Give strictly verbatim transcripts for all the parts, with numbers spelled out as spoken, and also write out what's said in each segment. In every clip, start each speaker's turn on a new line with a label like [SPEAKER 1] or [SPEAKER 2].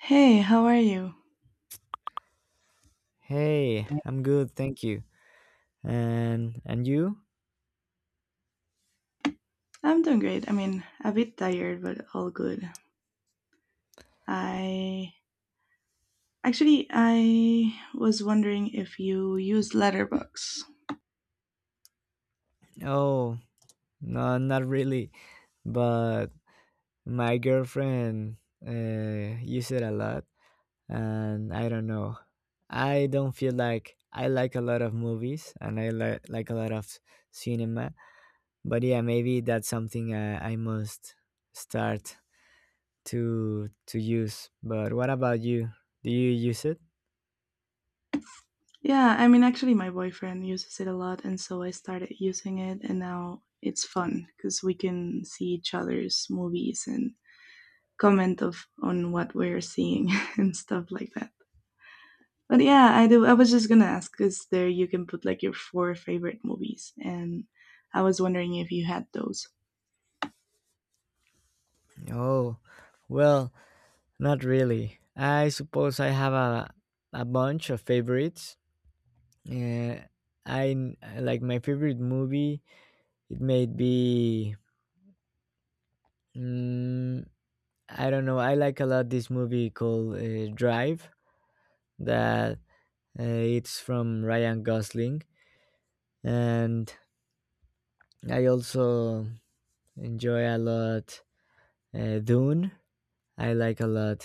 [SPEAKER 1] Hey, how are you?
[SPEAKER 2] Hey, I'm good, thank you. And and you?
[SPEAKER 1] I'm doing great. I mean, a bit tired, but all good. I actually I was wondering if you use Letterbox.
[SPEAKER 2] Oh, no, not really. But my girlfriend uh, used it a lot, and I don't know. I don't feel like I like a lot of movies, and I like like a lot of cinema. But yeah, maybe that's something I, I must start to to use. But what about you? Do you use it?
[SPEAKER 1] Yeah, I mean, actually, my boyfriend uses it a lot, and so I started using it, and now it's fun because we can see each other's movies and comment of on what we're seeing and stuff like that. But yeah, I do. I was just gonna ask because there you can put like your four favorite movies, and I was wondering if you had those.
[SPEAKER 2] Oh, well. Not really. I suppose I have a a bunch of favorites. Uh, I n- like my favorite movie. It may be mm, I don't know. I like a lot this movie called uh, Drive. That uh, It's from Ryan Gosling, and I also enjoy a lot uh, Dune. I like a lot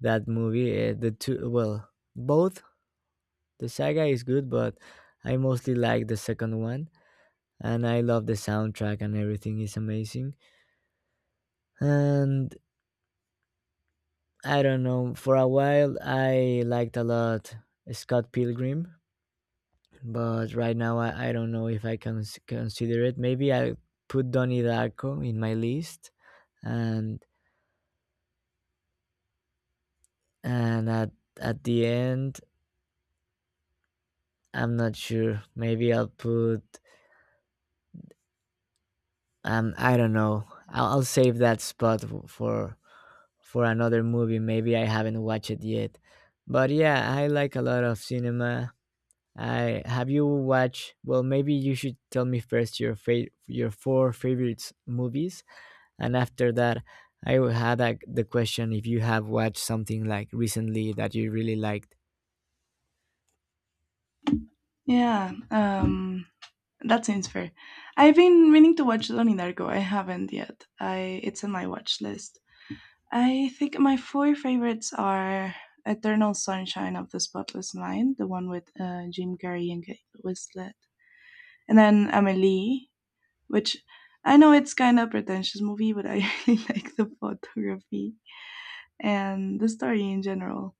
[SPEAKER 2] that movie. Uh, the two Well, both the saga is good, but I mostly like the second one and I love the soundtrack and everything is amazing. And I don't know, for a while I liked a lot Scott Pilgrim, but right now I, I don't know if I can s- consider it. Maybe I put Donnie Darko in my list, and and at at the end I'm not sure. Maybe I'll put um I don't know. I'll, I'll save that spot f- for for another movie. Maybe I haven't watched it yet, but yeah, I like a lot of cinema. I, have you watched? Well, maybe you should tell me first your fa- your four favorite movies, and after that, I will have like, the question if you have watched something like recently that you really liked.
[SPEAKER 1] Yeah, um, that seems fair. I've been meaning to watch Donnie Darko. I haven't yet. I It's on my watch list. I think my four favorites are Eternal Sunshine of the Spotless Mind, the one with uh, Jim Carrey and Kate Winslet, and then Amelie, which I know it's kind of pretentious movie, but I really like the photography and the story in general.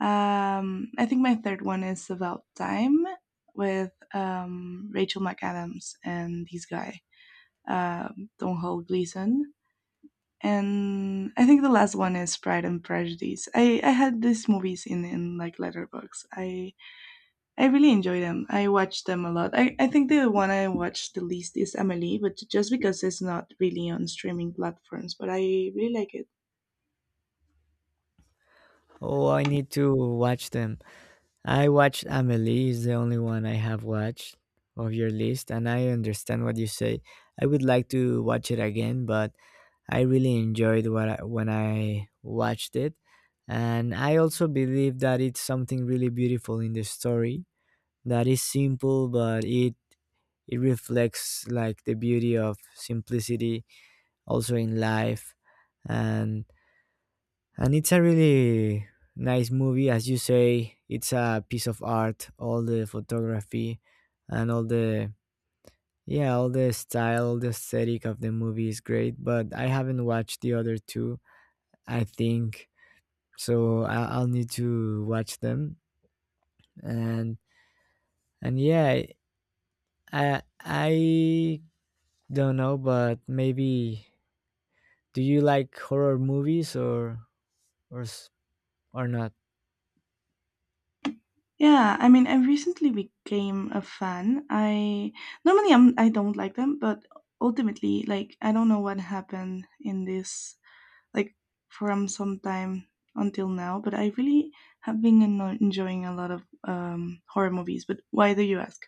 [SPEAKER 1] Um, I think my third one is About Time with um, Rachel McAdams and this guy, uh, Don Hall Gleason. And I think the last one is Pride and Prejudice. I, I had these movies in, in like Letterbox. I I really enjoy them. I watch them a lot. I, I think the one I watch the least is Amelie, but just because it's not really on streaming platforms, but I really like it.
[SPEAKER 2] Oh, I need to watch them. I watched Amelie is the only one I have watched of your list and I understand what you say. I would like to watch it again, but I really enjoyed what I, when I watched it, and I also believe that it's something really beautiful in the story that is simple, but it it reflects like the beauty of simplicity also in life, and and it's a really nice movie, as you say. It's a piece of art. All the photography and all the, yeah, all the style, the aesthetic of the movie is great. But I haven't watched the other two. I think so. I- I'll need to watch them. And and yeah, I I don't know, but maybe do you like horror movies, or or s- or not?
[SPEAKER 1] Yeah, I mean, I recently became a fan. I normally I'm I don't like them, but ultimately, like I don't know what happened in this like from some time until now, but I really have been eno- enjoying a lot of um, horror movies. But why do you ask?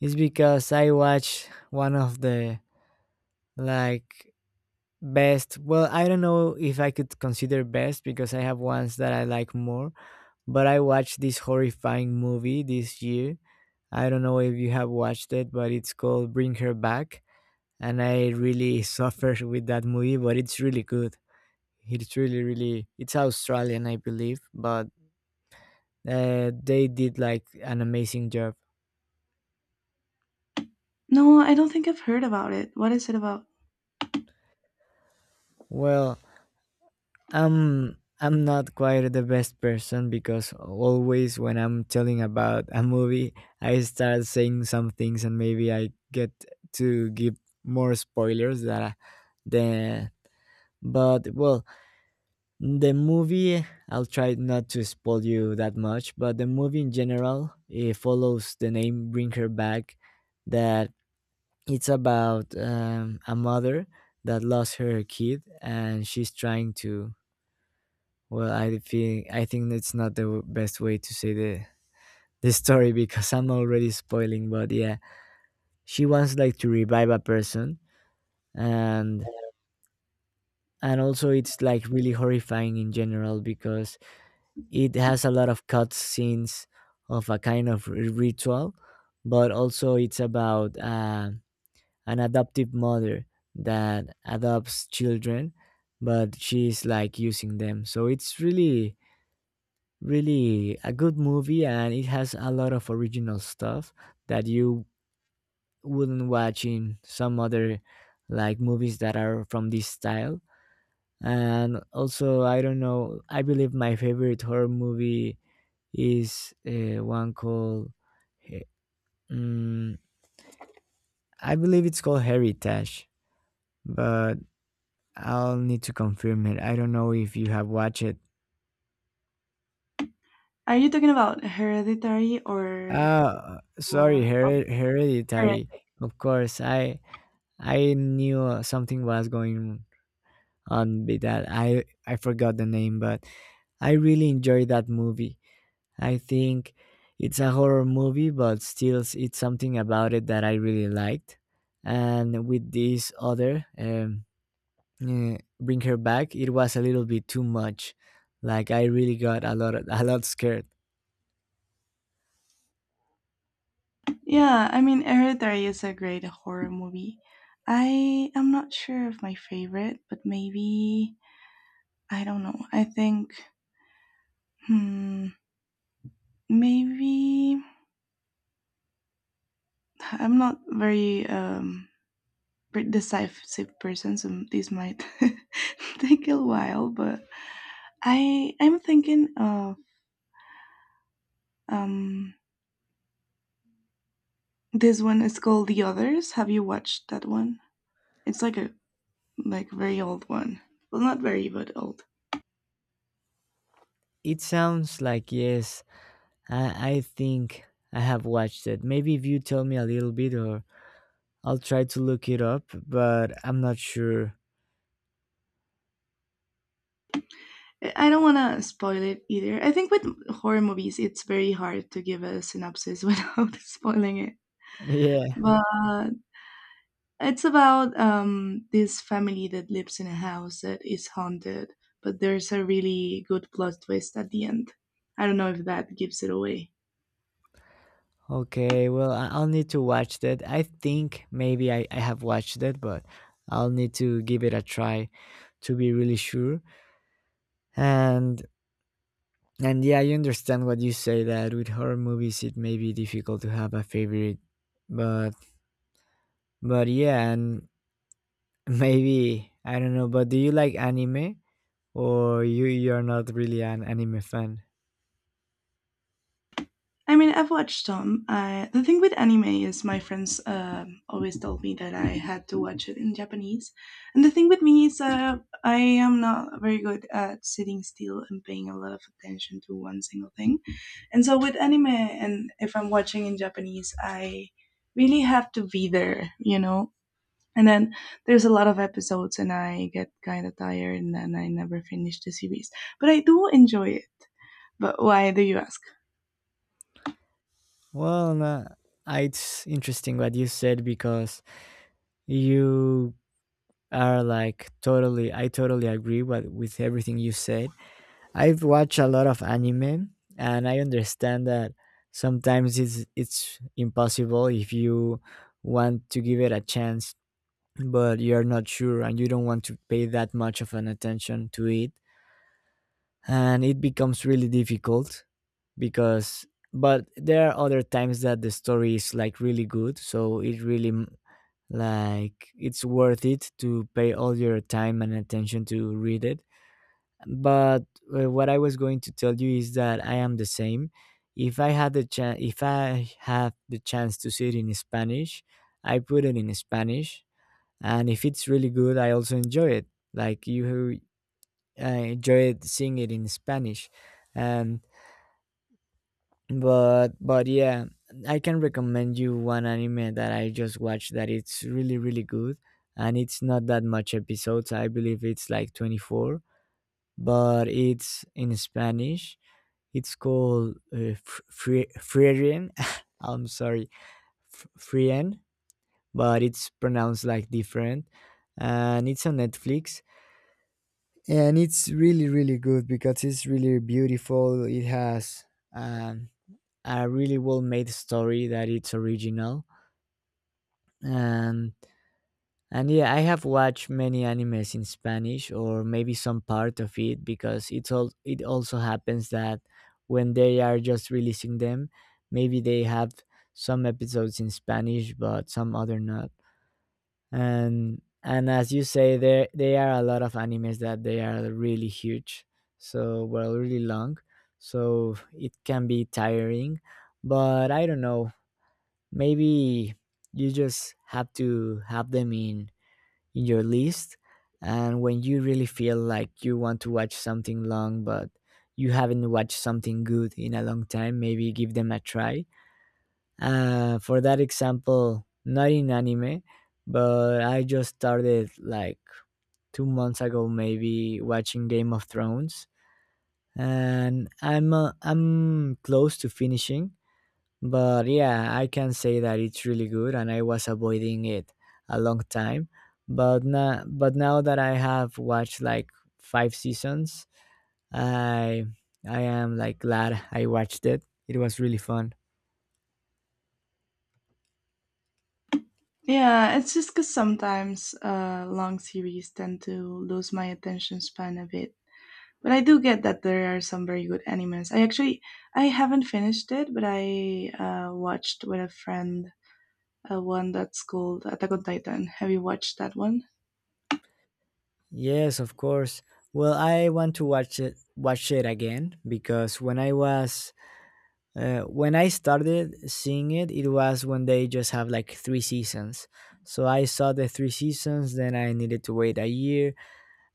[SPEAKER 2] It's because I watched one of the, like, best, well, I don't know if I could consider best because I have ones that I like more, but I watched this horrifying movie this year. I don't know if you have watched it, but it's called Bring Her Back, and I really suffered with that movie, but it's really good. It's really really, it's Australian I believe, but uh, they did like an amazing job.
[SPEAKER 1] No, I don't think I've heard about it. What is it about?
[SPEAKER 2] Well, Um, I'm not quite the best person because always when I'm telling about a movie, I start saying some things and maybe I get to give more spoilers that I, the but well, the movie, I'll try not to spoil you that much, but the movie in general, it follows the name Bring Her Back. That It's about um, a mother that lost her kid and she's trying to, well, I think I think that's not the w- best way to say the the story because I'm already spoiling. But yeah, she wants like to revive a person, and and also it's like really horrifying in general because it has a lot of cut scenes of a kind of r- ritual, but also it's about uh, an adoptive mother that adopts children, but she's like using them. So it's really really a good movie and it has a lot of original stuff that you wouldn't watch in some other, like, movies that are from this style. And also I don't know, I believe my favorite horror movie is uh, one called He- mm, I believe it's called Heritage, but I'll need to confirm it. I don't know if you have watched it.
[SPEAKER 1] Are you talking about Hereditary or
[SPEAKER 2] Ah, sorry,
[SPEAKER 1] uh,
[SPEAKER 2] Her- Hereditary. Of course, i I knew uh, something was going on with that. I I forgot the name, but I really enjoyed that movie. I think it's a horror movie, but still, s- it's something about it that I really liked. And with this other, um, eh, Bring Her Back, it was a little bit too much. Like I really got a lot, a lot scared.
[SPEAKER 1] Yeah, I mean, Hereditary is a great horror movie. I am not sure of my favorite, but maybe I don't know. I think hmm, maybe I'm not very um pre- decisive person, so this might take a while. But I I'm thinking of um this one is called The Others. Have you watched that one? It's like a like very old one. Well, not very, but old.
[SPEAKER 2] It sounds like yes. I I think I have watched it. Maybe if you tell me a little bit, or I'll try to look it up, but I'm not sure.
[SPEAKER 1] I don't want to spoil it either. I think with horror movies, it's very hard to give a synopsis without spoiling it.
[SPEAKER 2] Yeah.
[SPEAKER 1] But it's about um, this family that lives in a house that is haunted, but there's a really good plot twist at the end. I don't know if that gives it away.
[SPEAKER 2] Okay. Well, I- I'll need to watch that. I think maybe I, I have watched that, but I'll need to give it a try to be really sure. And and yeah, I understand what you say that with horror movies it may be difficult to have a favorite. But but yeah, and maybe I don't know, but do you like anime, or you you're not really an anime fan?
[SPEAKER 1] I mean, I've watched some. I, the thing with anime is my friends um always told me that I had to watch it in Japanese. And the thing with me is uh, I am not very good at sitting still and paying a lot of attention to one single thing. And so with anime, and if I'm watching in Japanese, I really have to be there, you know? And then there's a lot of episodes, and I get kind of tired, and then I never finish the series. But I do enjoy it. But why do you ask?
[SPEAKER 2] Well, nah, I- it's interesting what you said because you are like totally, I totally agree with, with everything you said. I've watched a lot of anime and I understand that sometimes it's, it's impossible if you want to give it a chance, but you're not sure and you don't want to pay that much of an attention to it. And it becomes really difficult, because but there are other times that the story is like really good, so it really m- like, it's worth it to pay all your time and attention to read it. But uh, what I was going to tell you is that I am the same. If I had the chance If I have the chance to see it in Spanish, I put it in Spanish, and if it's really good I also enjoy it, like you uh, enjoy it, seeing it in Spanish. And but but yeah, I can recommend you one anime that I just watched that it's really really good, and it's not that much episodes, I believe it's like twenty-four, but it's in Spanish. It's called uh, Fr- Fri- frien, I'm sorry, F- frien, but it's pronounced like different, and it's on Netflix, and it's really really good because it's really beautiful. It has um, a really well made story that it's original. And and Yeah, I have watched many animes in Spanish, or maybe some part of it, because it's all, it also happens that when they are just releasing them, maybe they have some episodes in Spanish but some other not. And and As you say, there, they are a lot of animes that they are really huge, so, well, really long, so it can be tiring. But I don't know, maybe you just have to have them in in your list, and when you really feel like you want to watch something long but you haven't watched something good in a long time, maybe give them a try. Uh, for that example, not in anime, but I just started like two months ago maybe watching Game of Thrones, and i'm uh, I'm close to finishing. But yeah, I can say that it's really good and I was avoiding it a long time. But now, but now that I have watched like five seasons, I I am like glad I watched it. It was really fun.
[SPEAKER 1] Yeah, it's just because sometimes uh, long series tend to lose my attention span a bit. But I do get that there are some very good animes. I actually I haven't finished it, but I uh, watched with a friend uh, one that's called Attack on Titan. Have you watched that one?
[SPEAKER 2] Yes, of course. Well, I want to watch it watch it again, because when I was uh, when I started seeing it, it was when they just have like three seasons. So I saw the three seasons, then I needed to wait a year,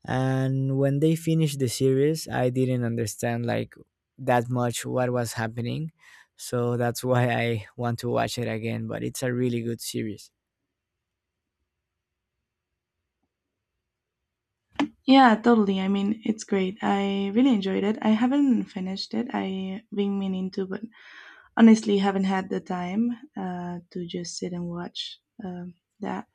[SPEAKER 2] and when they finished the series I didn't understand like that much what was happening, so that's why I want to watch it again. But it's a really good series.
[SPEAKER 1] Yeah, totally. I mean, it's great. I really enjoyed it. I haven't finished it. I've been meaning to, but honestly, haven't had the time uh, to just sit and watch um, that.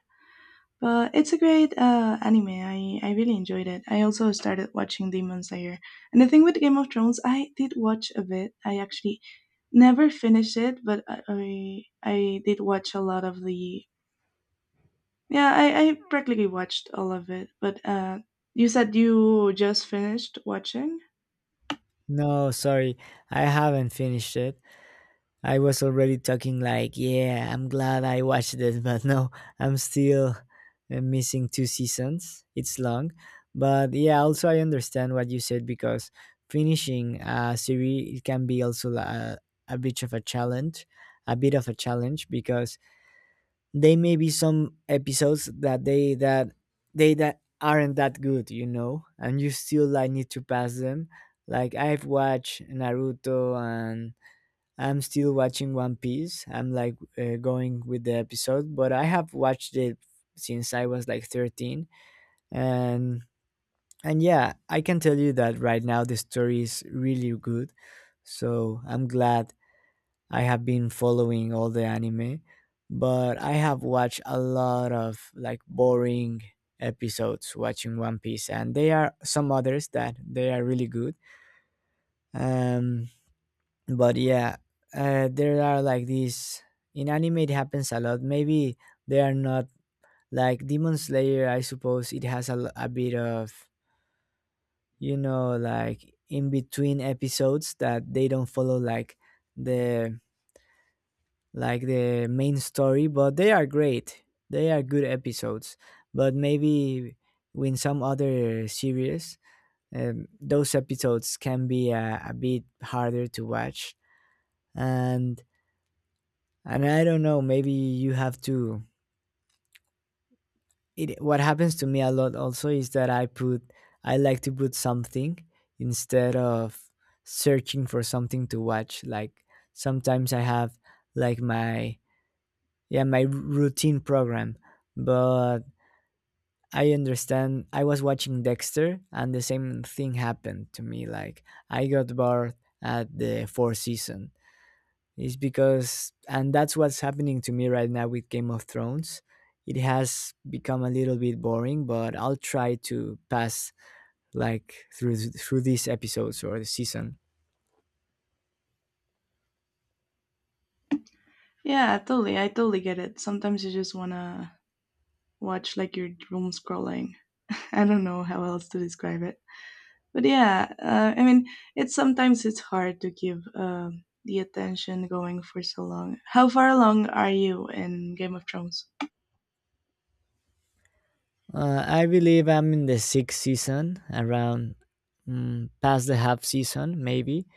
[SPEAKER 1] But it's a great uh, anime. I, I really enjoyed it. I also started watching Demon Slayer. And the thing with Game of Thrones, I did watch a bit. I actually never finished it, but I I, I did watch a lot of the. Yeah, I, I practically watched all of it. But uh, you said you just finished watching?
[SPEAKER 2] No, sorry, I haven't finished it. I was already talking like, yeah, I'm glad I watched it, but no, I'm still uh, missing two seasons. It's long, but yeah, also I understand what you said because finishing a series it can be also a, a bit of a challenge, a bit of a challenge because they may be some episodes that they that they that aren't that good, you know, and you still like need to pass them. Like I've watched Naruto, and I'm still watching One Piece. I'm like, uh, going with the episode, but I have watched it since I was like thirteen, and and yeah, I can tell you that right now the story is really good. So, I'm glad I have been following all the anime, but I have watched a lot of like boring episodes watching One Piece, and there are some others that they are really good. Um but yeah uh, There are like these, in anime it happens a lot. Maybe they are not like Demon Slayer. I suppose it has a, l- a bit of, you know, like in between episodes that they don't follow like the like the main story, but they are great. They are good episodes. But maybe in some other series, um, those episodes can be uh, a bit harder to watch. And And I don't know, maybe you have to. It, what happens to me a lot also is that I put, I like to put something instead of searching for something to watch. Like sometimes I have like my, yeah, my routine program. But I understand I was watching Dexter and the same thing happened to me. Like I got bored at the fourth season is because, and that's what's happening to me right now with Game of Thrones. It has become a little bit boring, but I'll try to pass like through through these episodes or the season.
[SPEAKER 1] Yeah, totally. I totally get it. Sometimes you just want to watch like your doom scrolling. I don't know how else to describe it. But yeah, uh, I mean it's sometimes it's hard to give um, the attention going for so long. How far along are you in Game of Thrones?
[SPEAKER 2] Uh, I believe I'm in the sixth season, around mm, past the half season maybe.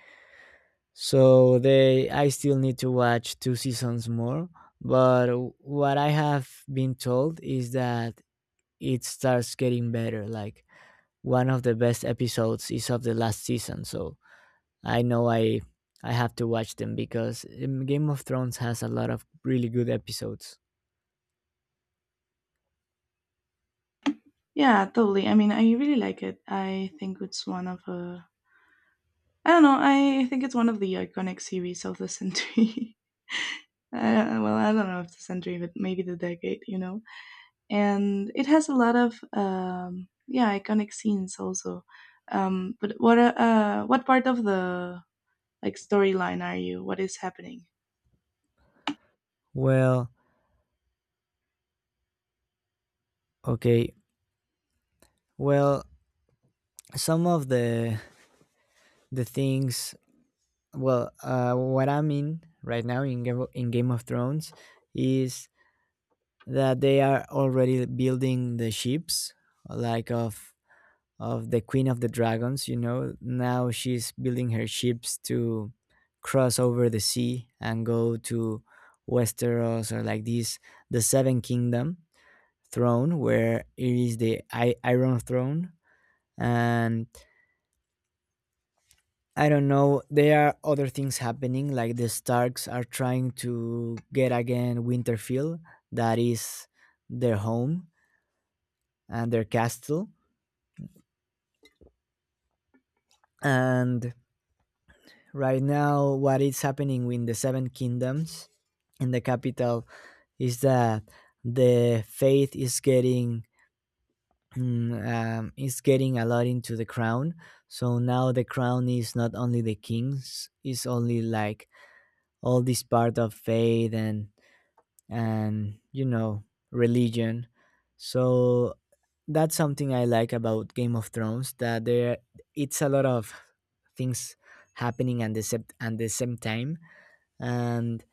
[SPEAKER 2] So they, I still need to watch two seasons more. But what I have been told is that it starts getting better. Like one of the best episodes is of the last season, so I know I I have to watch them because um, Game of Thrones has a lot of really good episodes.
[SPEAKER 1] Yeah, totally. I mean, I really like it. I think it's one of uh, I don't know, I think it's one of the iconic series of the century. Uh, well, I don't know if the century, but maybe the decade, you know. And it has a lot of um, yeah, iconic scenes also. Um, but what uh, uh, what part of the like storyline are you? What is happening?
[SPEAKER 2] Well, okay. Well, some of the the things, well, uh, what I'm in right now in Game of, in Game of Thrones is that they are already building the ships like of of the Queen of the Dragons, you know. Now she's building her ships to cross over the sea and go to Westeros, or like this, the Seven Kingdom throne, where it is the I- Iron Throne. And I don't know, there are other things happening, like the Starks are trying to get again Winterfell, that is their home and their castle. And right now what is happening with the seven kingdoms in the capital is that the faith is getting mm, um, is getting a lot into the crown. So now the crown is not only the kings, it's only like all this part of faith and and you know, religion. So that's something I like about Game of Thrones, that there it's a lot of things happening at the, sep- at the same time. And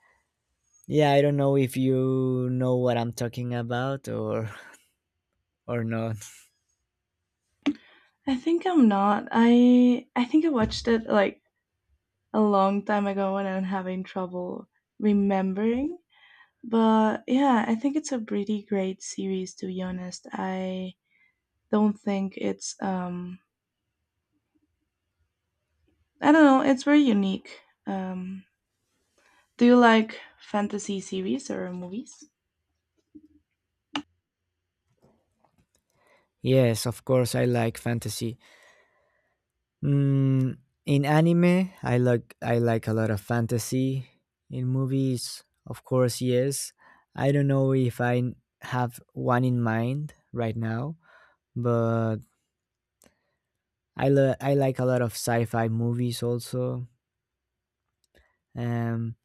[SPEAKER 2] yeah, I don't know if you know what I'm talking about or or not.
[SPEAKER 1] I think I'm not. I I think I watched it like a long time ago and I'm having trouble remembering. But yeah, I think it's a pretty great series to be honest. I don't think it's um I don't know, it's very unique. Um Do you like fantasy series or movies?
[SPEAKER 2] Yes, of course I like fantasy. mm, in anime I like, i like a lot of fantasy. In movies, of course, yes. I don't know if i n- have one in mind right now, but i lo- I like a lot of sci-fi movies also. um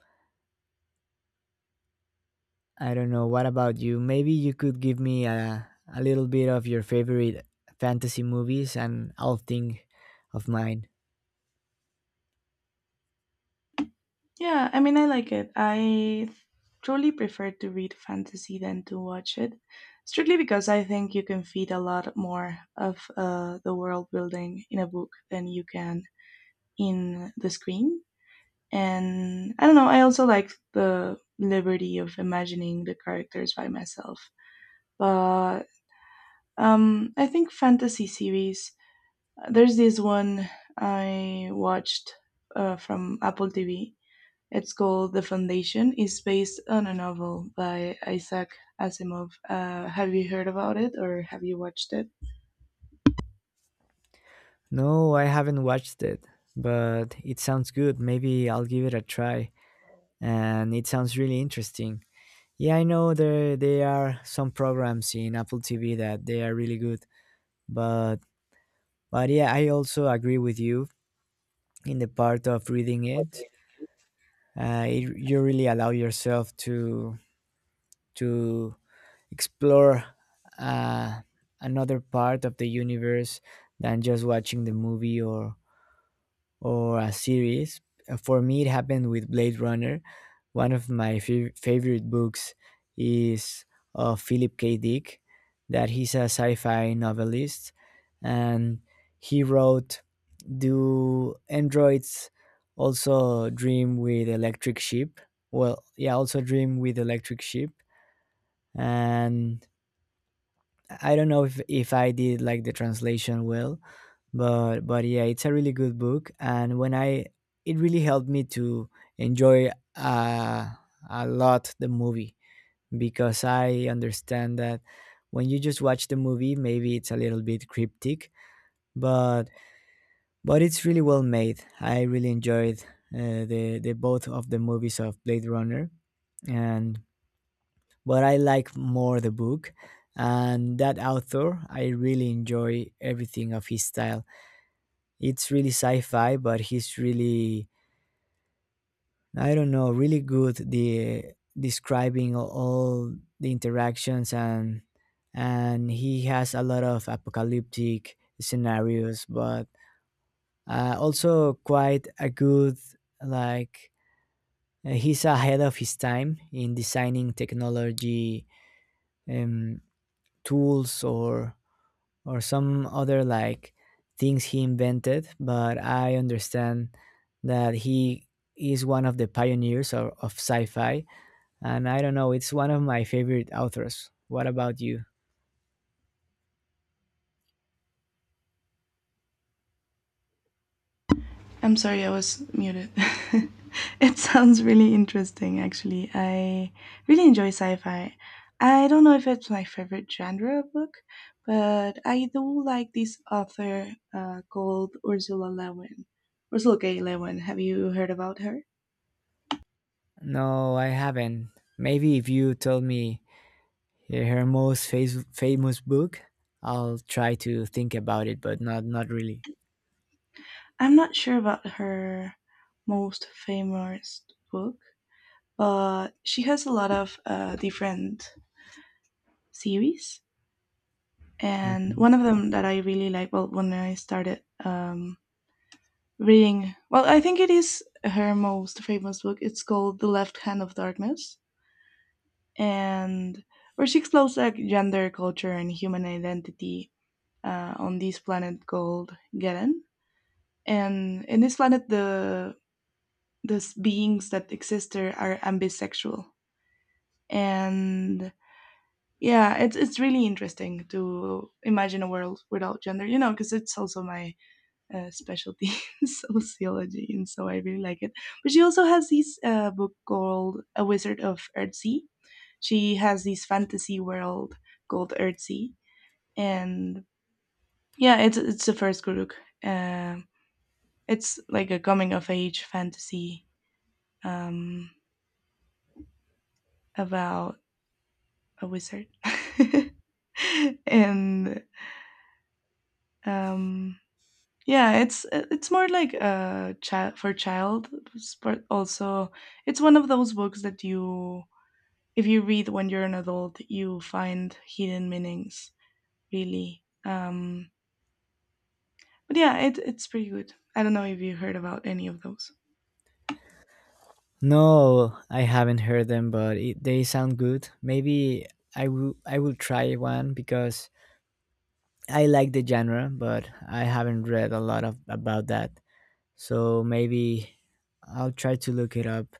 [SPEAKER 2] I don't know. What about you? Maybe you could give me a, a little bit of your favorite fantasy movies and I'll think of mine.
[SPEAKER 1] Yeah, I mean, I like it. I truly prefer to read fantasy than to watch it, strictly because I think you can feed a lot more of uh, the world building in a book than you can in the screen. And I don't know, I also like the liberty of imagining the characters by myself. But um, I think fantasy series, uh, there's this one I watched uh, from Apple T V. It's called "The Foundation", is based on a novel by Isaac Asimov. Uh, have you heard about it or have you watched it?
[SPEAKER 2] No, I haven't watched it, but it sounds good. Maybe I'll give it a try. And it sounds really interesting. Yeah, I know there there are some programs in Apple T V that they are really good, but but yeah, I also agree with you in the part of reading it. Uh, it you really allow yourself to to explore uh, another part of the universe than just watching the movie or or a series. Uh, For me, it happened with Blade Runner. One of my fav- favorite books is of Philip K. Dick, that he's a sci-fi novelist, and he wrote, "Do androids also dream with electric sheep?" Well, yeah, also dream with electric sheep. And I don't know if if I did like the translation well, but but yeah, it's a really good book, and when I, it really helped me to enjoy uh, a lot the movie, because I understand that when you just watch the movie, maybe it's a little bit cryptic, but but it's really well made. I really enjoyed uh, the the both of the movies of Blade Runner, and but I like more the book. And that author, I really enjoy everything of his style. It's really sci-fi, but he's really, I don't know, really good the describing all the interactions and and he has a lot of apocalyptic scenarios, but uh, also quite a good like uh, he's ahead of his time in designing technology, um, tools or or some other like things he invented. But I understand that he is one of the pioneers of, of sci-fi. And I don't know, it's one of my favorite authors. What about you?
[SPEAKER 1] I'm sorry, I was muted. It sounds really interesting, actually. I really enjoy sci fi. I don't know if it's my favorite genre of book, but I do like this author uh, called Ursula Lewin. Ursula K. Lewin. Have you heard about her?
[SPEAKER 2] No, I haven't. Maybe if you told me her most fa- famous book, I'll try to think about it, but not not really.
[SPEAKER 1] I'm not sure about her most famous book, but she has a lot of uh, different series. And
[SPEAKER 2] Okay.
[SPEAKER 1] one of them that I really like, well, when I started um, reading, well, I think it is her most famous book. It's called The Left Hand of Darkness, and where she explores like gender, culture, and human identity uh, on this planet called Geren. And in this planet, the the beings that exist there are ambisexual, and yeah, it's it's really interesting to imagine a world without gender, you know, because it's also my uh, specialty sociology, and so I really like it. But she also has this uh, book called A Wizard of Earthsea. She has this fantasy world called Earthsea, and yeah, it's it's the first Guruk. Um it's like a coming of age fantasy um about a wizard. and um Yeah, it's uh, it's more like a child for child, but also it's one of those books that you, if you read when you're an adult, you find hidden meanings, really. Um, but yeah, it it's pretty good. I don't know if you heard about any of those.
[SPEAKER 2] No, I haven't heard them, but it, they sound good. Maybe i will I will try one because I like the genre, but I haven't read a lot of about that. So maybe I'll try to look it up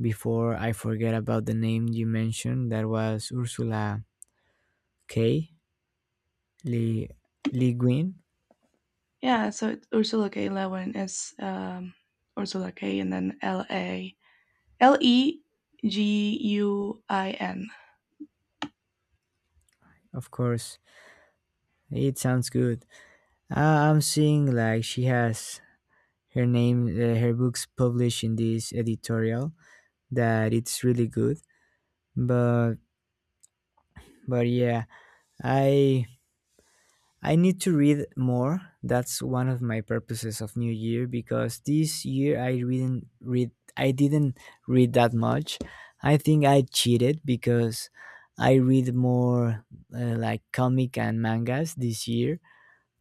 [SPEAKER 2] before I forget about the name you mentioned. That was Ursula K. Le, Le Guin.
[SPEAKER 1] Yeah, so it's Ursula K. Le Guin is um, Ursula K. and then L A L E G U I N.
[SPEAKER 2] Of course, it sounds good. Uh, I'm seeing like she has her name, uh, her books published in this editorial. That it's really good, but but yeah, I I need to read more. That's one of my purposes of New Year, because this year I didn't read I didn't read that much. I think I cheated because I read more uh, like comic and mangas this year,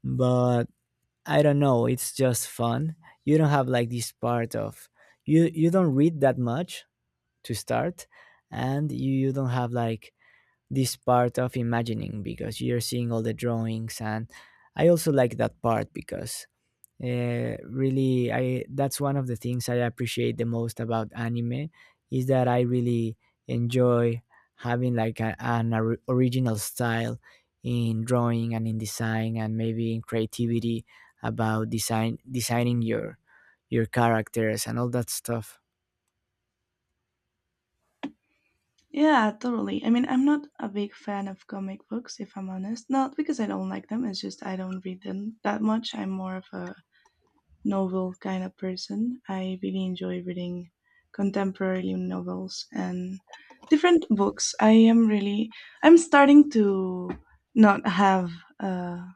[SPEAKER 2] but I don't know, it's just fun. You don't have like this part of, you you don't read that much to start, and you, you don't have like this part of imagining because you're seeing all the drawings. And I also like that part because uh, really I that's one of the things I appreciate the most about anime, is that I really enjoy having like a, an or- original style in drawing and in design, and maybe in creativity about design designing your your characters and all that stuff.
[SPEAKER 1] Yeah, totally. I mean, I'm not a big fan of comic books, if I'm honest. Not because I don't like them, it's just I don't read them that much. I'm more of a novel kind of person. I really enjoy reading contemporary novels and different books. I am really, I'm starting to not have uh,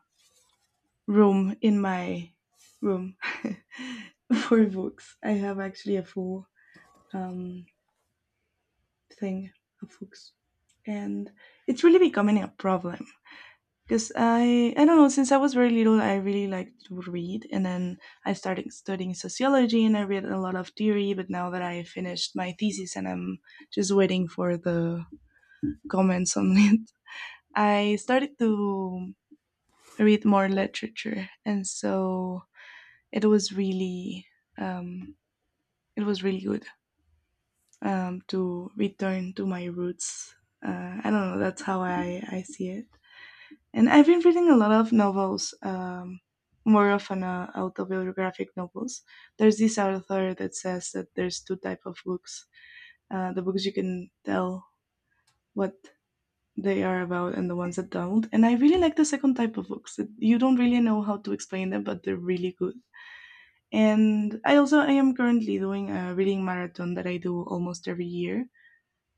[SPEAKER 1] room in my room for books. I have actually a full um, thing of hooks, and it's really becoming a problem because I I don't know, since I was very little I really liked to read, and then I started studying sociology and I read a lot of theory, but now that I finished my thesis and I'm just waiting for the comments on it, I started to read more literature, and so it was really um, it was really good um, to return to my roots. uh, I don't know, that's how I I see it. And I've been reading a lot of novels, um, more often uh, autobiographic novels. There's this author that says that there's two type of books: uh, the books you can tell what they are about, and the ones that don't. And I really like the second type of books that you don't really know how to explain them, but they're really good. And I also I am currently doing a reading marathon that I do almost every year,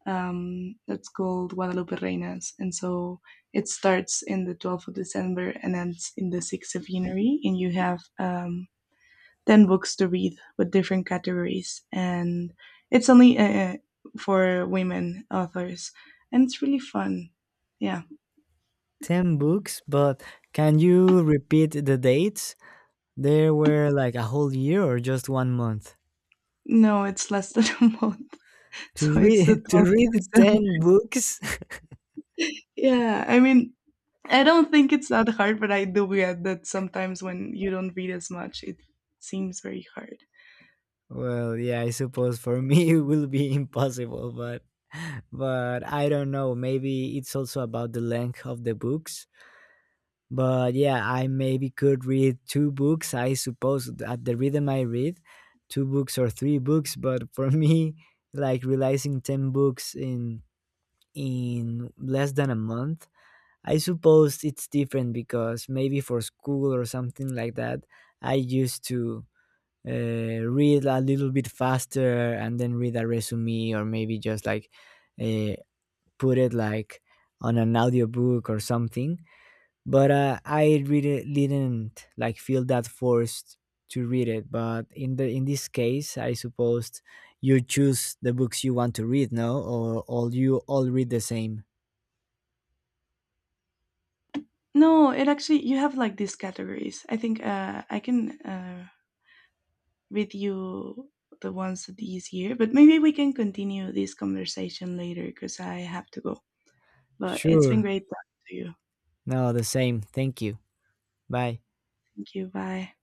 [SPEAKER 1] um, that's called Guadalupe Reinas. And so it starts in the twelfth of December and ends in the sixth of January. And you have um, ten books to read with different categories. And it's only uh, uh, for women authors. And it's really fun. Yeah.
[SPEAKER 2] ten books, but can you repeat the dates? There were like a whole year or just one month
[SPEAKER 1] No, it's less than a month.
[SPEAKER 2] to
[SPEAKER 1] So it's the
[SPEAKER 2] read to
[SPEAKER 1] 12th of
[SPEAKER 2] read
[SPEAKER 1] December.
[SPEAKER 2] ten books?
[SPEAKER 1] Yeah. I mean, I don't think it's that hard, but I do get that sometimes when you don't read as much, it seems very hard.
[SPEAKER 2] Well, yeah, I suppose for me it will be impossible, but but I don't know, maybe it's also about the length of the books. But yeah, I maybe could read two books, I suppose, at the rhythm I read, two books or three books, but for me like realizing ten books in in less than a month. I suppose it's different because maybe for school or something like that, I used to uh, read a little bit faster and then read a resume or maybe just like uh, put it like on an audiobook or something. But uh, I really didn't like feel that forced to read it. But in the in this case, I suppose you choose the books you want to read, no, or all you all read the same.
[SPEAKER 1] No, it actually you have like these categories. I think uh, I can uh, read you the ones this year, but maybe we can continue this conversation later because I have to go. But it's been
[SPEAKER 2] Sure.
[SPEAKER 1] great talking to you.
[SPEAKER 2] No, the same. Thank you. Bye.
[SPEAKER 1] Thank you. Bye.